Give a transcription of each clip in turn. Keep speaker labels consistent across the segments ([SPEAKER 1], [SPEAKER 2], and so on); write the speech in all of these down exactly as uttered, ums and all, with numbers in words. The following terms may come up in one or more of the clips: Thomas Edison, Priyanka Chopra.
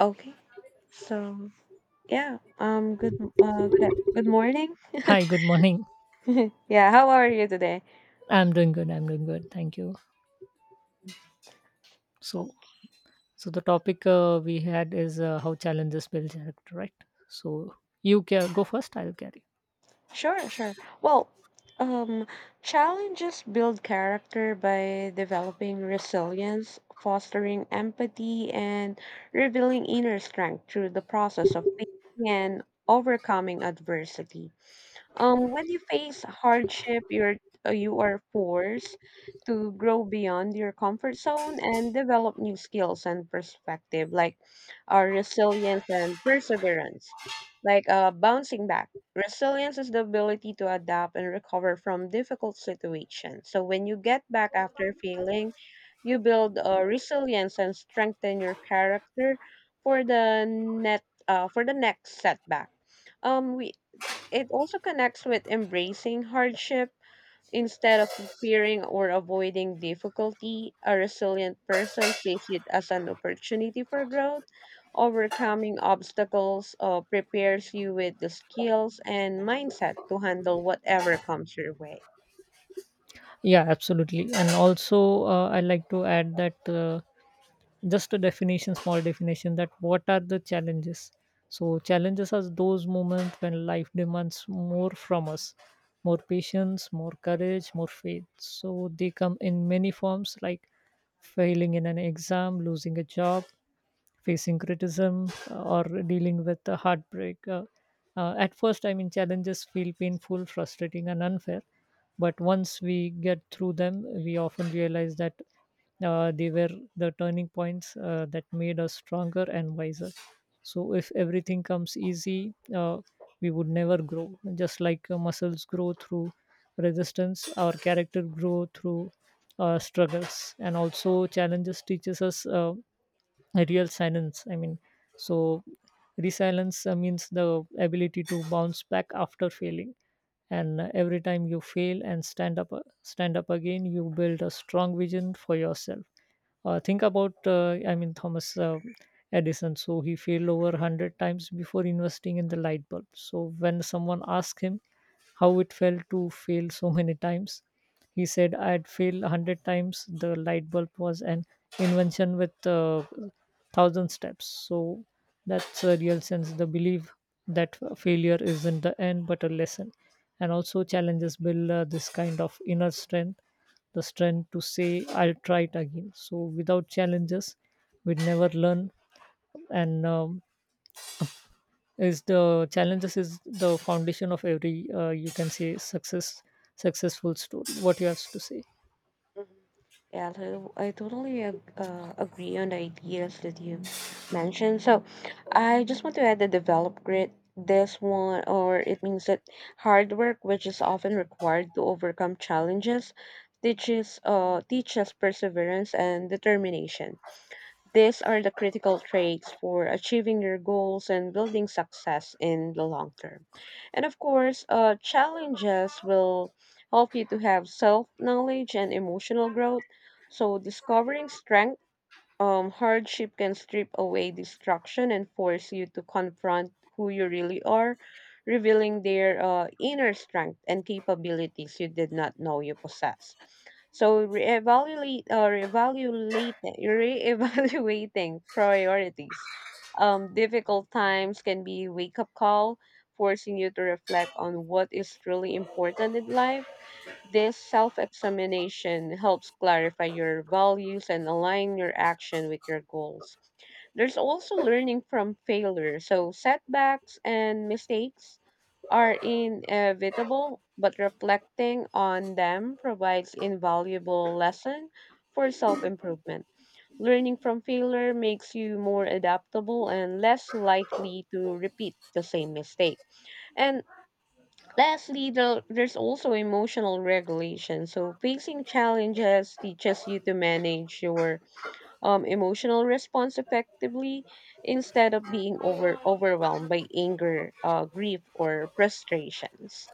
[SPEAKER 1] Okay. So, yeah. Um good uh good, good morning.
[SPEAKER 2] Hi, good morning.
[SPEAKER 1] Yeah, how are you today?
[SPEAKER 2] I'm doing good. I'm doing good. Thank you.
[SPEAKER 1] Oh,
[SPEAKER 2] So, so the topic uh, we had is uh, how challenges build character, right? So you can go first. I'll carry.
[SPEAKER 1] sure, sure. Well, um challenges build character by developing resilience, fostering empathy and revealing inner strength through the process of thinking and overcoming adversity. Um, when you face hardship, you're uh, you are forced to grow beyond your comfort zone and develop new skills and perspective, like uh, resilience and perseverance, like uh, bouncing back. Resilience is the ability to adapt and recover from difficult situations. So when you get back after failing, you build uh, resilience and strengthen your character for the net uh, for the next setback. Um we it also connects with embracing hardship instead of fearing or avoiding difficulty. A resilient person sees it as an opportunity for growth. Overcoming obstacles uh, prepares you with the skills and mindset to handle whatever comes your way.
[SPEAKER 2] Yeah, absolutely. And also, uh, I like to add that uh, just a definition, small definition that what are the challenges? So challenges are those moments when life demands more from us, more patience, more courage, more faith. So they come in many forms, like failing in an exam, losing a job, facing criticism, uh, or dealing with a heartbreak. Uh, uh, at first, I mean, challenges feel painful, frustrating, and unfair. But once we get through them, we often realize that uh, they were the turning points uh, that made us stronger and wiser. So, if everything comes easy, uh, we would never grow. Just like uh, muscles grow through resistance, our character grow through uh, struggles, and also challenges teaches us. Uh, a real silence, I mean, so resilience uh, means the ability to bounce back after failing, and uh, every time you fail and stand up, uh, stand up again, you build a strong vision for yourself. uh, think about, uh, I mean, Thomas uh, Edison. So he failed over one hundred times before investing in the light bulb. So when someone asked him how it felt to fail so many times, he said, I had failed one hundred times. The light bulb was an invention with uh, a thousand steps. So that's a real sense. The belief that failure isn't the end but a lesson. And also, challenges build uh, this kind of inner strength, the strength to say, I'll try it again. So without challenges, we'd never learn. And um, is the challenges is the foundation of every, uh, you can say, success successful story. What you have to say?
[SPEAKER 1] Mhm. Yeah, to- I totally ag- uh, agree on the ideas that you mentioned. So I just want to add the develop grit. This one, or it means that hard work, which is often required to overcome challenges, teaches uh teaches perseverance and determination. These are the critical traits for achieving your goals and building success in the long term. And of course, uh, challenges will help you to have self knowledge and emotional growth. So, discovering strength, um, hardship can strip away distraction and force you to confront who you really are, revealing their uh, inner strength and capabilities you did not know you possessed. So reevaluate uh, evaluate reevaluating priorities. Um, difficult times can be wake up call, forcing you to reflect on what is truly important in life. This self examination helps clarify your values and align your action with your goals. There's also learning from failure. So, setbacks and mistakes are inevitable, but reflecting on them provides invaluable lesson for self improvement. Learning from failure makes you more adaptable and less likely to repeat the same mistake. And lastly, the, there's also emotional regulation. So facing challenges teaches you to manage your um, emotional response effectively instead of being over overwhelmed by anger, uh, grief, or frustrations.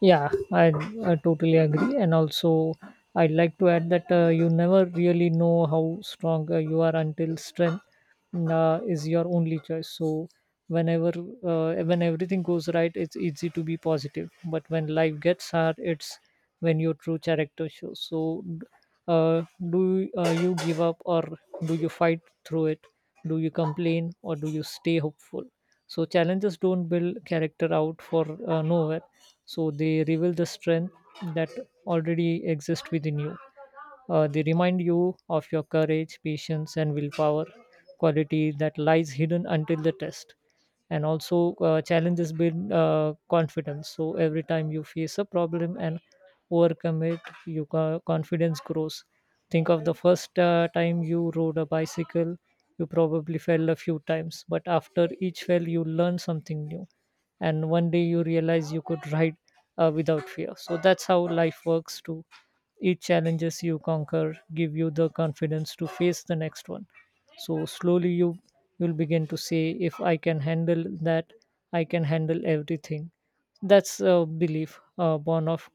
[SPEAKER 2] Yeah, I, I totally agree. And also, I'd like to add that uh, you never really know how strong uh, you are until strength uh, is your only choice. So whenever, uh, when everything goes right, it's easy to be positive, but when life gets hard, it's when your true character shows. So uh, do uh, you give up, or do you fight through it? Do you complain, or do you stay hopeful? So challenges don't build character out for, uh, nowhere, so they reveal the strength that already exists within you. uh, they remind you of your courage, patience, and willpower, quality that lies hidden until the test. And also, uh, challenges build uh, confidence. So every time you face a problem and overcome it, your co- confidence grows. Think of the first uh, time you rode a bicycle. You probably fell a few times, but after each fell, you learn something new, and one day you realize you could ride uh, without fear. So that's how life works too. Each challenges you conquer give you the confidence to face the next one. So slowly you you'll begin to say, if I can handle that, I can handle everything. That's a belief, uh, born of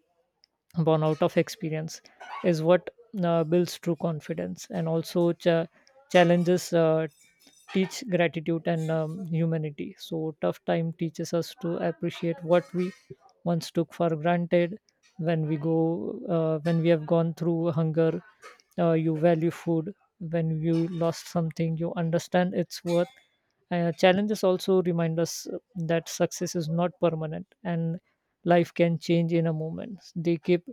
[SPEAKER 2] born out of experience, is what uh, builds true confidence. And also cha- challenges uh, teach gratitude and um, humanity. So tough time teaches us to appreciate what we once took for granted. when we go uh, when we have gone through hunger, uh, you value food. When you lost something, you understand its worth. uh, challenges also remind us uh, that success is not permanent and life can change in a moment. They keep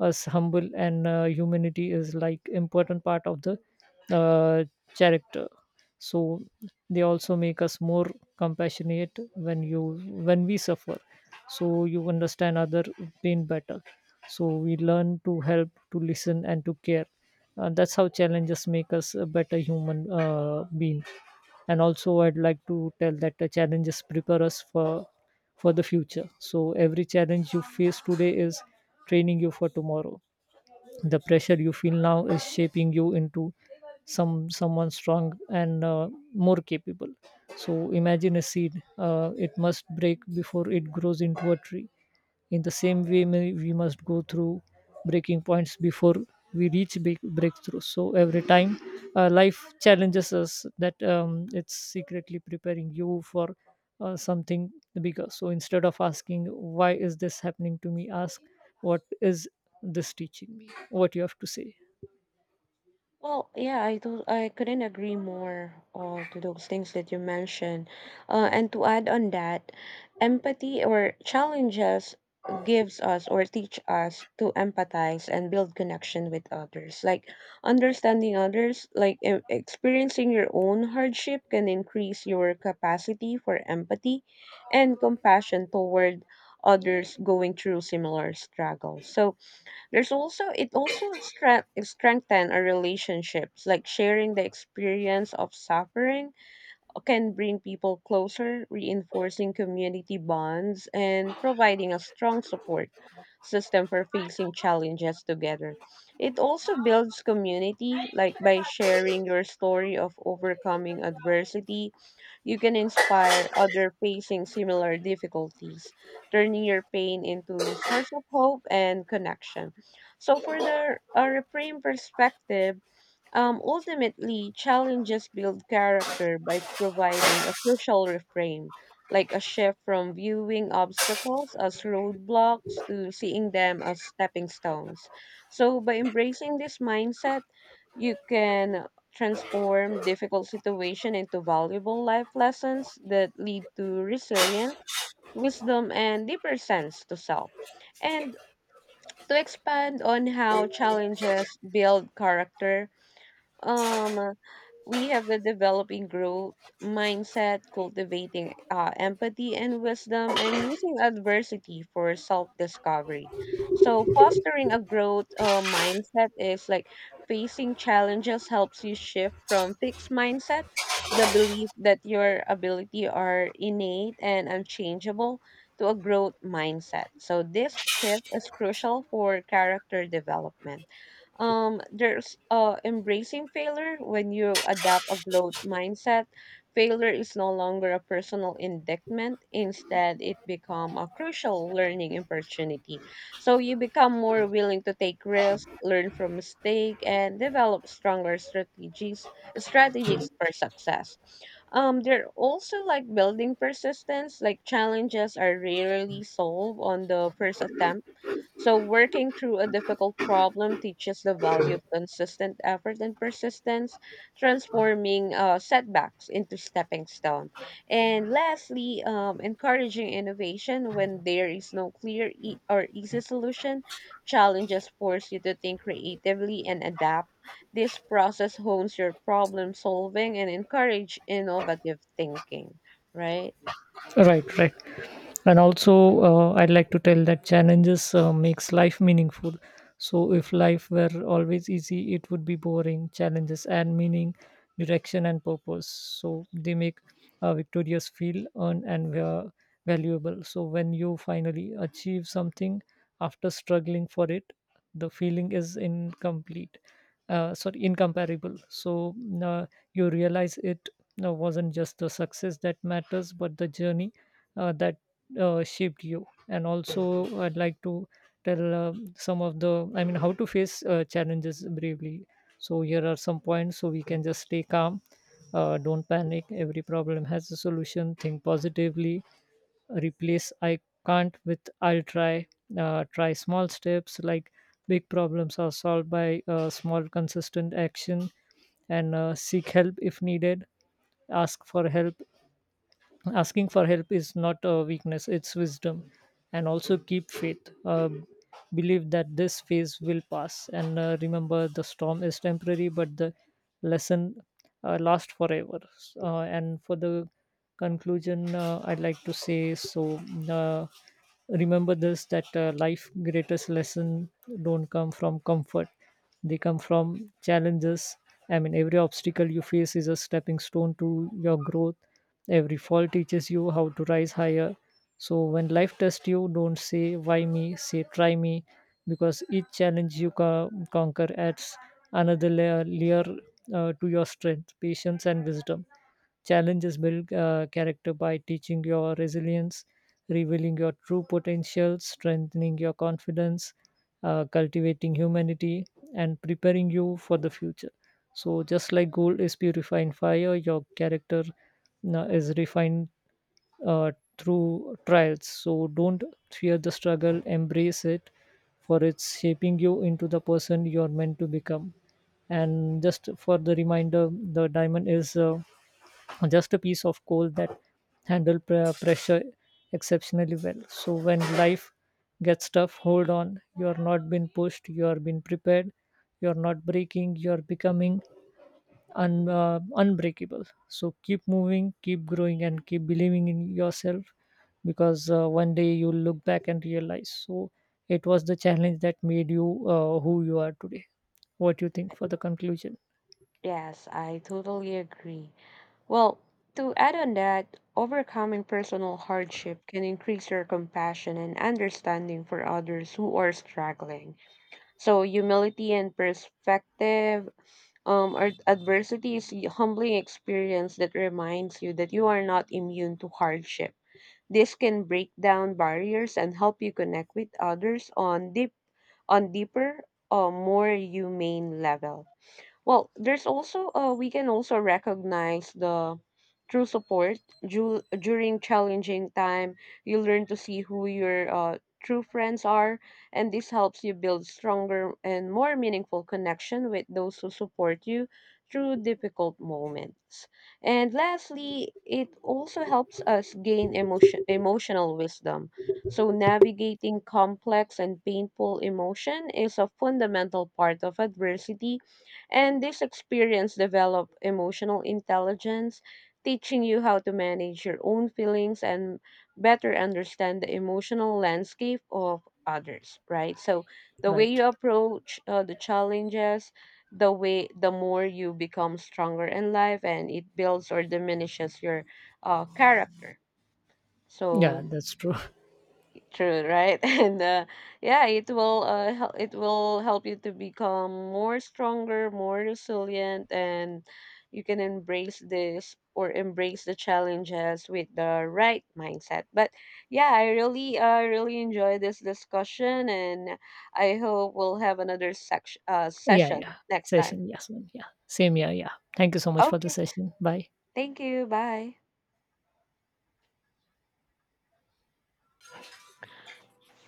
[SPEAKER 2] us humble, and uh, humanity is like important part of the uh, character. So they also make us more compassionate. when you when we suffer, so you understand other pain better, so we learn to help, to listen, and to care. uh, that's how challenges make us a better human uh, being. And also, I'd like to tell that the challenges prepare us for for the future. So every challenge you face today is training you for tomorrow. The pressure you feel now is shaping you into some someone strong and uh, more capable. So imagine a seed, uh, it must break before it grows into a tree. In the same way, may, we must go through breaking points before we reach big breakthroughs. So every time, uh, life challenges us, that um, it's secretly preparing you for uh, something bigger. So instead of asking why is this happening to me, ask what is this teaching me. What you have to say.
[SPEAKER 1] Well, yeah, I do. I couldn't agree more uh, to those things that you mentioned. Uh, and to add on that, empathy or challenges gives us or teach us to empathize and build connection with others. Like understanding others, like e- experiencing your own hardship can increase your capacity for empathy and compassion toward others going through similar struggles. So, there's also it also strength strengthen our relationships, like sharing the experience of suffering can bring people closer, reinforcing community bonds and providing a strong support system for facing challenges together. It also builds community, like by sharing your story of overcoming adversity, you can inspire other facing similar difficulties, turning your pain into source of hope and connection. So for the uh, reframe perspective, um, ultimately, challenges build character by providing a crucial reframe, like a shift from viewing obstacles as roadblocks to seeing them as stepping stones. So, by embracing this mindset, you can transform difficult situation into valuable life lessons that lead to resilience wisdom and deeper sense to self. And to expand on how challenges build character, um, we have the developing growth mindset, cultivating uh, empathy and wisdom, and using adversity for self discovery. So, fostering a growth uh, mindset is like facing challenges helps you shift from fixed mindset, the belief that your ability are innate and unchangeable, to a growth mindset. So, this shift is crucial for character development. Um, there's uh, Embracing failure. When you adopt a growth mindset, failure is no longer a personal indictment. Instead, it become a crucial learning opportunity. So you become more willing to take risks, learn from mistake, and develop stronger strategies strategies for success. Um, they're also like building persistence. Like challenges are rarely solved on the first attempt, so working through a difficult problem teaches the value of consistent effort and persistence, transforming uh, setbacks into stepping stone. And lastly, um, encouraging innovation when there is no clear e- or easy solution. Challenges force you to think creatively and adapt. This process hones your problem solving and encourage innovative thinking. Right?
[SPEAKER 2] Right, right. and also uh, I'd like to tell that challenges uh, makes life meaningful. So if life were always easy, it would be boring. Challenges and meaning, direction and purpose, so they make uh, victorious feel earned and va- valuable. So when you finally achieve something after struggling for it, the feeling is incomplete, uh, sorry, incomparable. So uh, you realize it uh, wasn't just the success that matters, but the journey uh, that uh, shaped you. And also, I'd like to tell uh, some of the, I mean, how to face uh, challenges bravely. So here are some points. So we can just stay calm, uh, don't panic. Every problem has a solution. Think positively, replace I can't with I'll try. uh, try small steps, like big problems are solved by uh, small consistent action. And uh, seek help if needed. Ask for help. Asking for help is not a weakness, it's wisdom. And also keep faith, uh, believe that this phase will pass, and uh, remember the storm is temporary, but the lesson uh, lasts forever. S- uh, and for the conclusion, uh, I'd like to say, so uh, remember this, that uh, life greatest lesson don't come from comfort. They come from challenges. I mean, every obstacle you face is a stepping stone to your growth. Every fall teaches you how to rise higher. So when life tests you, don't say why me, say try me, because each challenge you co- conquer adds another layer, layer uh, to your strength, patience and wisdom. Challenges build uh, character by teaching your resilience, revealing your true potential, strengthening your confidence, uh, cultivating humanity, and preparing you for the future. So, just like gold is purified in fire, your character uh, is refined uh, through trials. So, don't fear the struggle, embrace it, for it's shaping you into the person you are meant to become. And just for the reminder, the diamond is, uh, just a piece of coal that handle pre- pressure exceptionally well. So when life gets tough, hold on. You are not being pushed, you are being prepared. You are not breaking, you are becoming, un, uh, unbreakable. So keep moving, keep growing, and keep believing in yourself, because uh, one day you'll look back and realize, so it was the challenge that made you uh, who you are today. What do you think for the conclusion?
[SPEAKER 1] Yes, I totally agree. Well, to add on that, overcoming personal hardship can increase your compassion and understanding for others who are struggling. So, humility and perspective, um, or adversity is a humbling experience that reminds you that you are not immune to hardship. This can break down barriers and help you connect with others on deep, on deeper, or more humane level. Well, there's also uh, we can also recognize the true support Ju- during challenging time. You learn to see who your uh, true friends are, and this helps you build stronger and more meaningful connection with those who support you through difficult moments. And lastly, it also helps us gain emotion emotional wisdom. So navigating complex and painful emotion is a fundamental part of adversity and this experience develop emotional intelligence, teaching you how to manage your own feelings and better understand the emotional landscape of others, right? So the way
[SPEAKER 2] Right.
[SPEAKER 1] you approach uh, the challenges, the way the more you become stronger in life and it builds or diminishes your uh, character.
[SPEAKER 2] Yeah,
[SPEAKER 1] So
[SPEAKER 2] that's true.
[SPEAKER 1] true, right? And uh, yeah, it will uh, hel- it will help you to become more stronger, more resilient, and you can embrace this or embrace the challenges with the right mindset. But yeah, I really uh, really enjoy this discussion, and I hope we'll have another section uh,
[SPEAKER 2] Yeah,
[SPEAKER 1] session
[SPEAKER 2] yeah.
[SPEAKER 1] next time.
[SPEAKER 2] Session. Yes, ma'am. Yeah. Same. Yeah. Yeah. Thank you so much for the
[SPEAKER 1] Okay,
[SPEAKER 2] session. Bye.
[SPEAKER 1] thank you. Bye.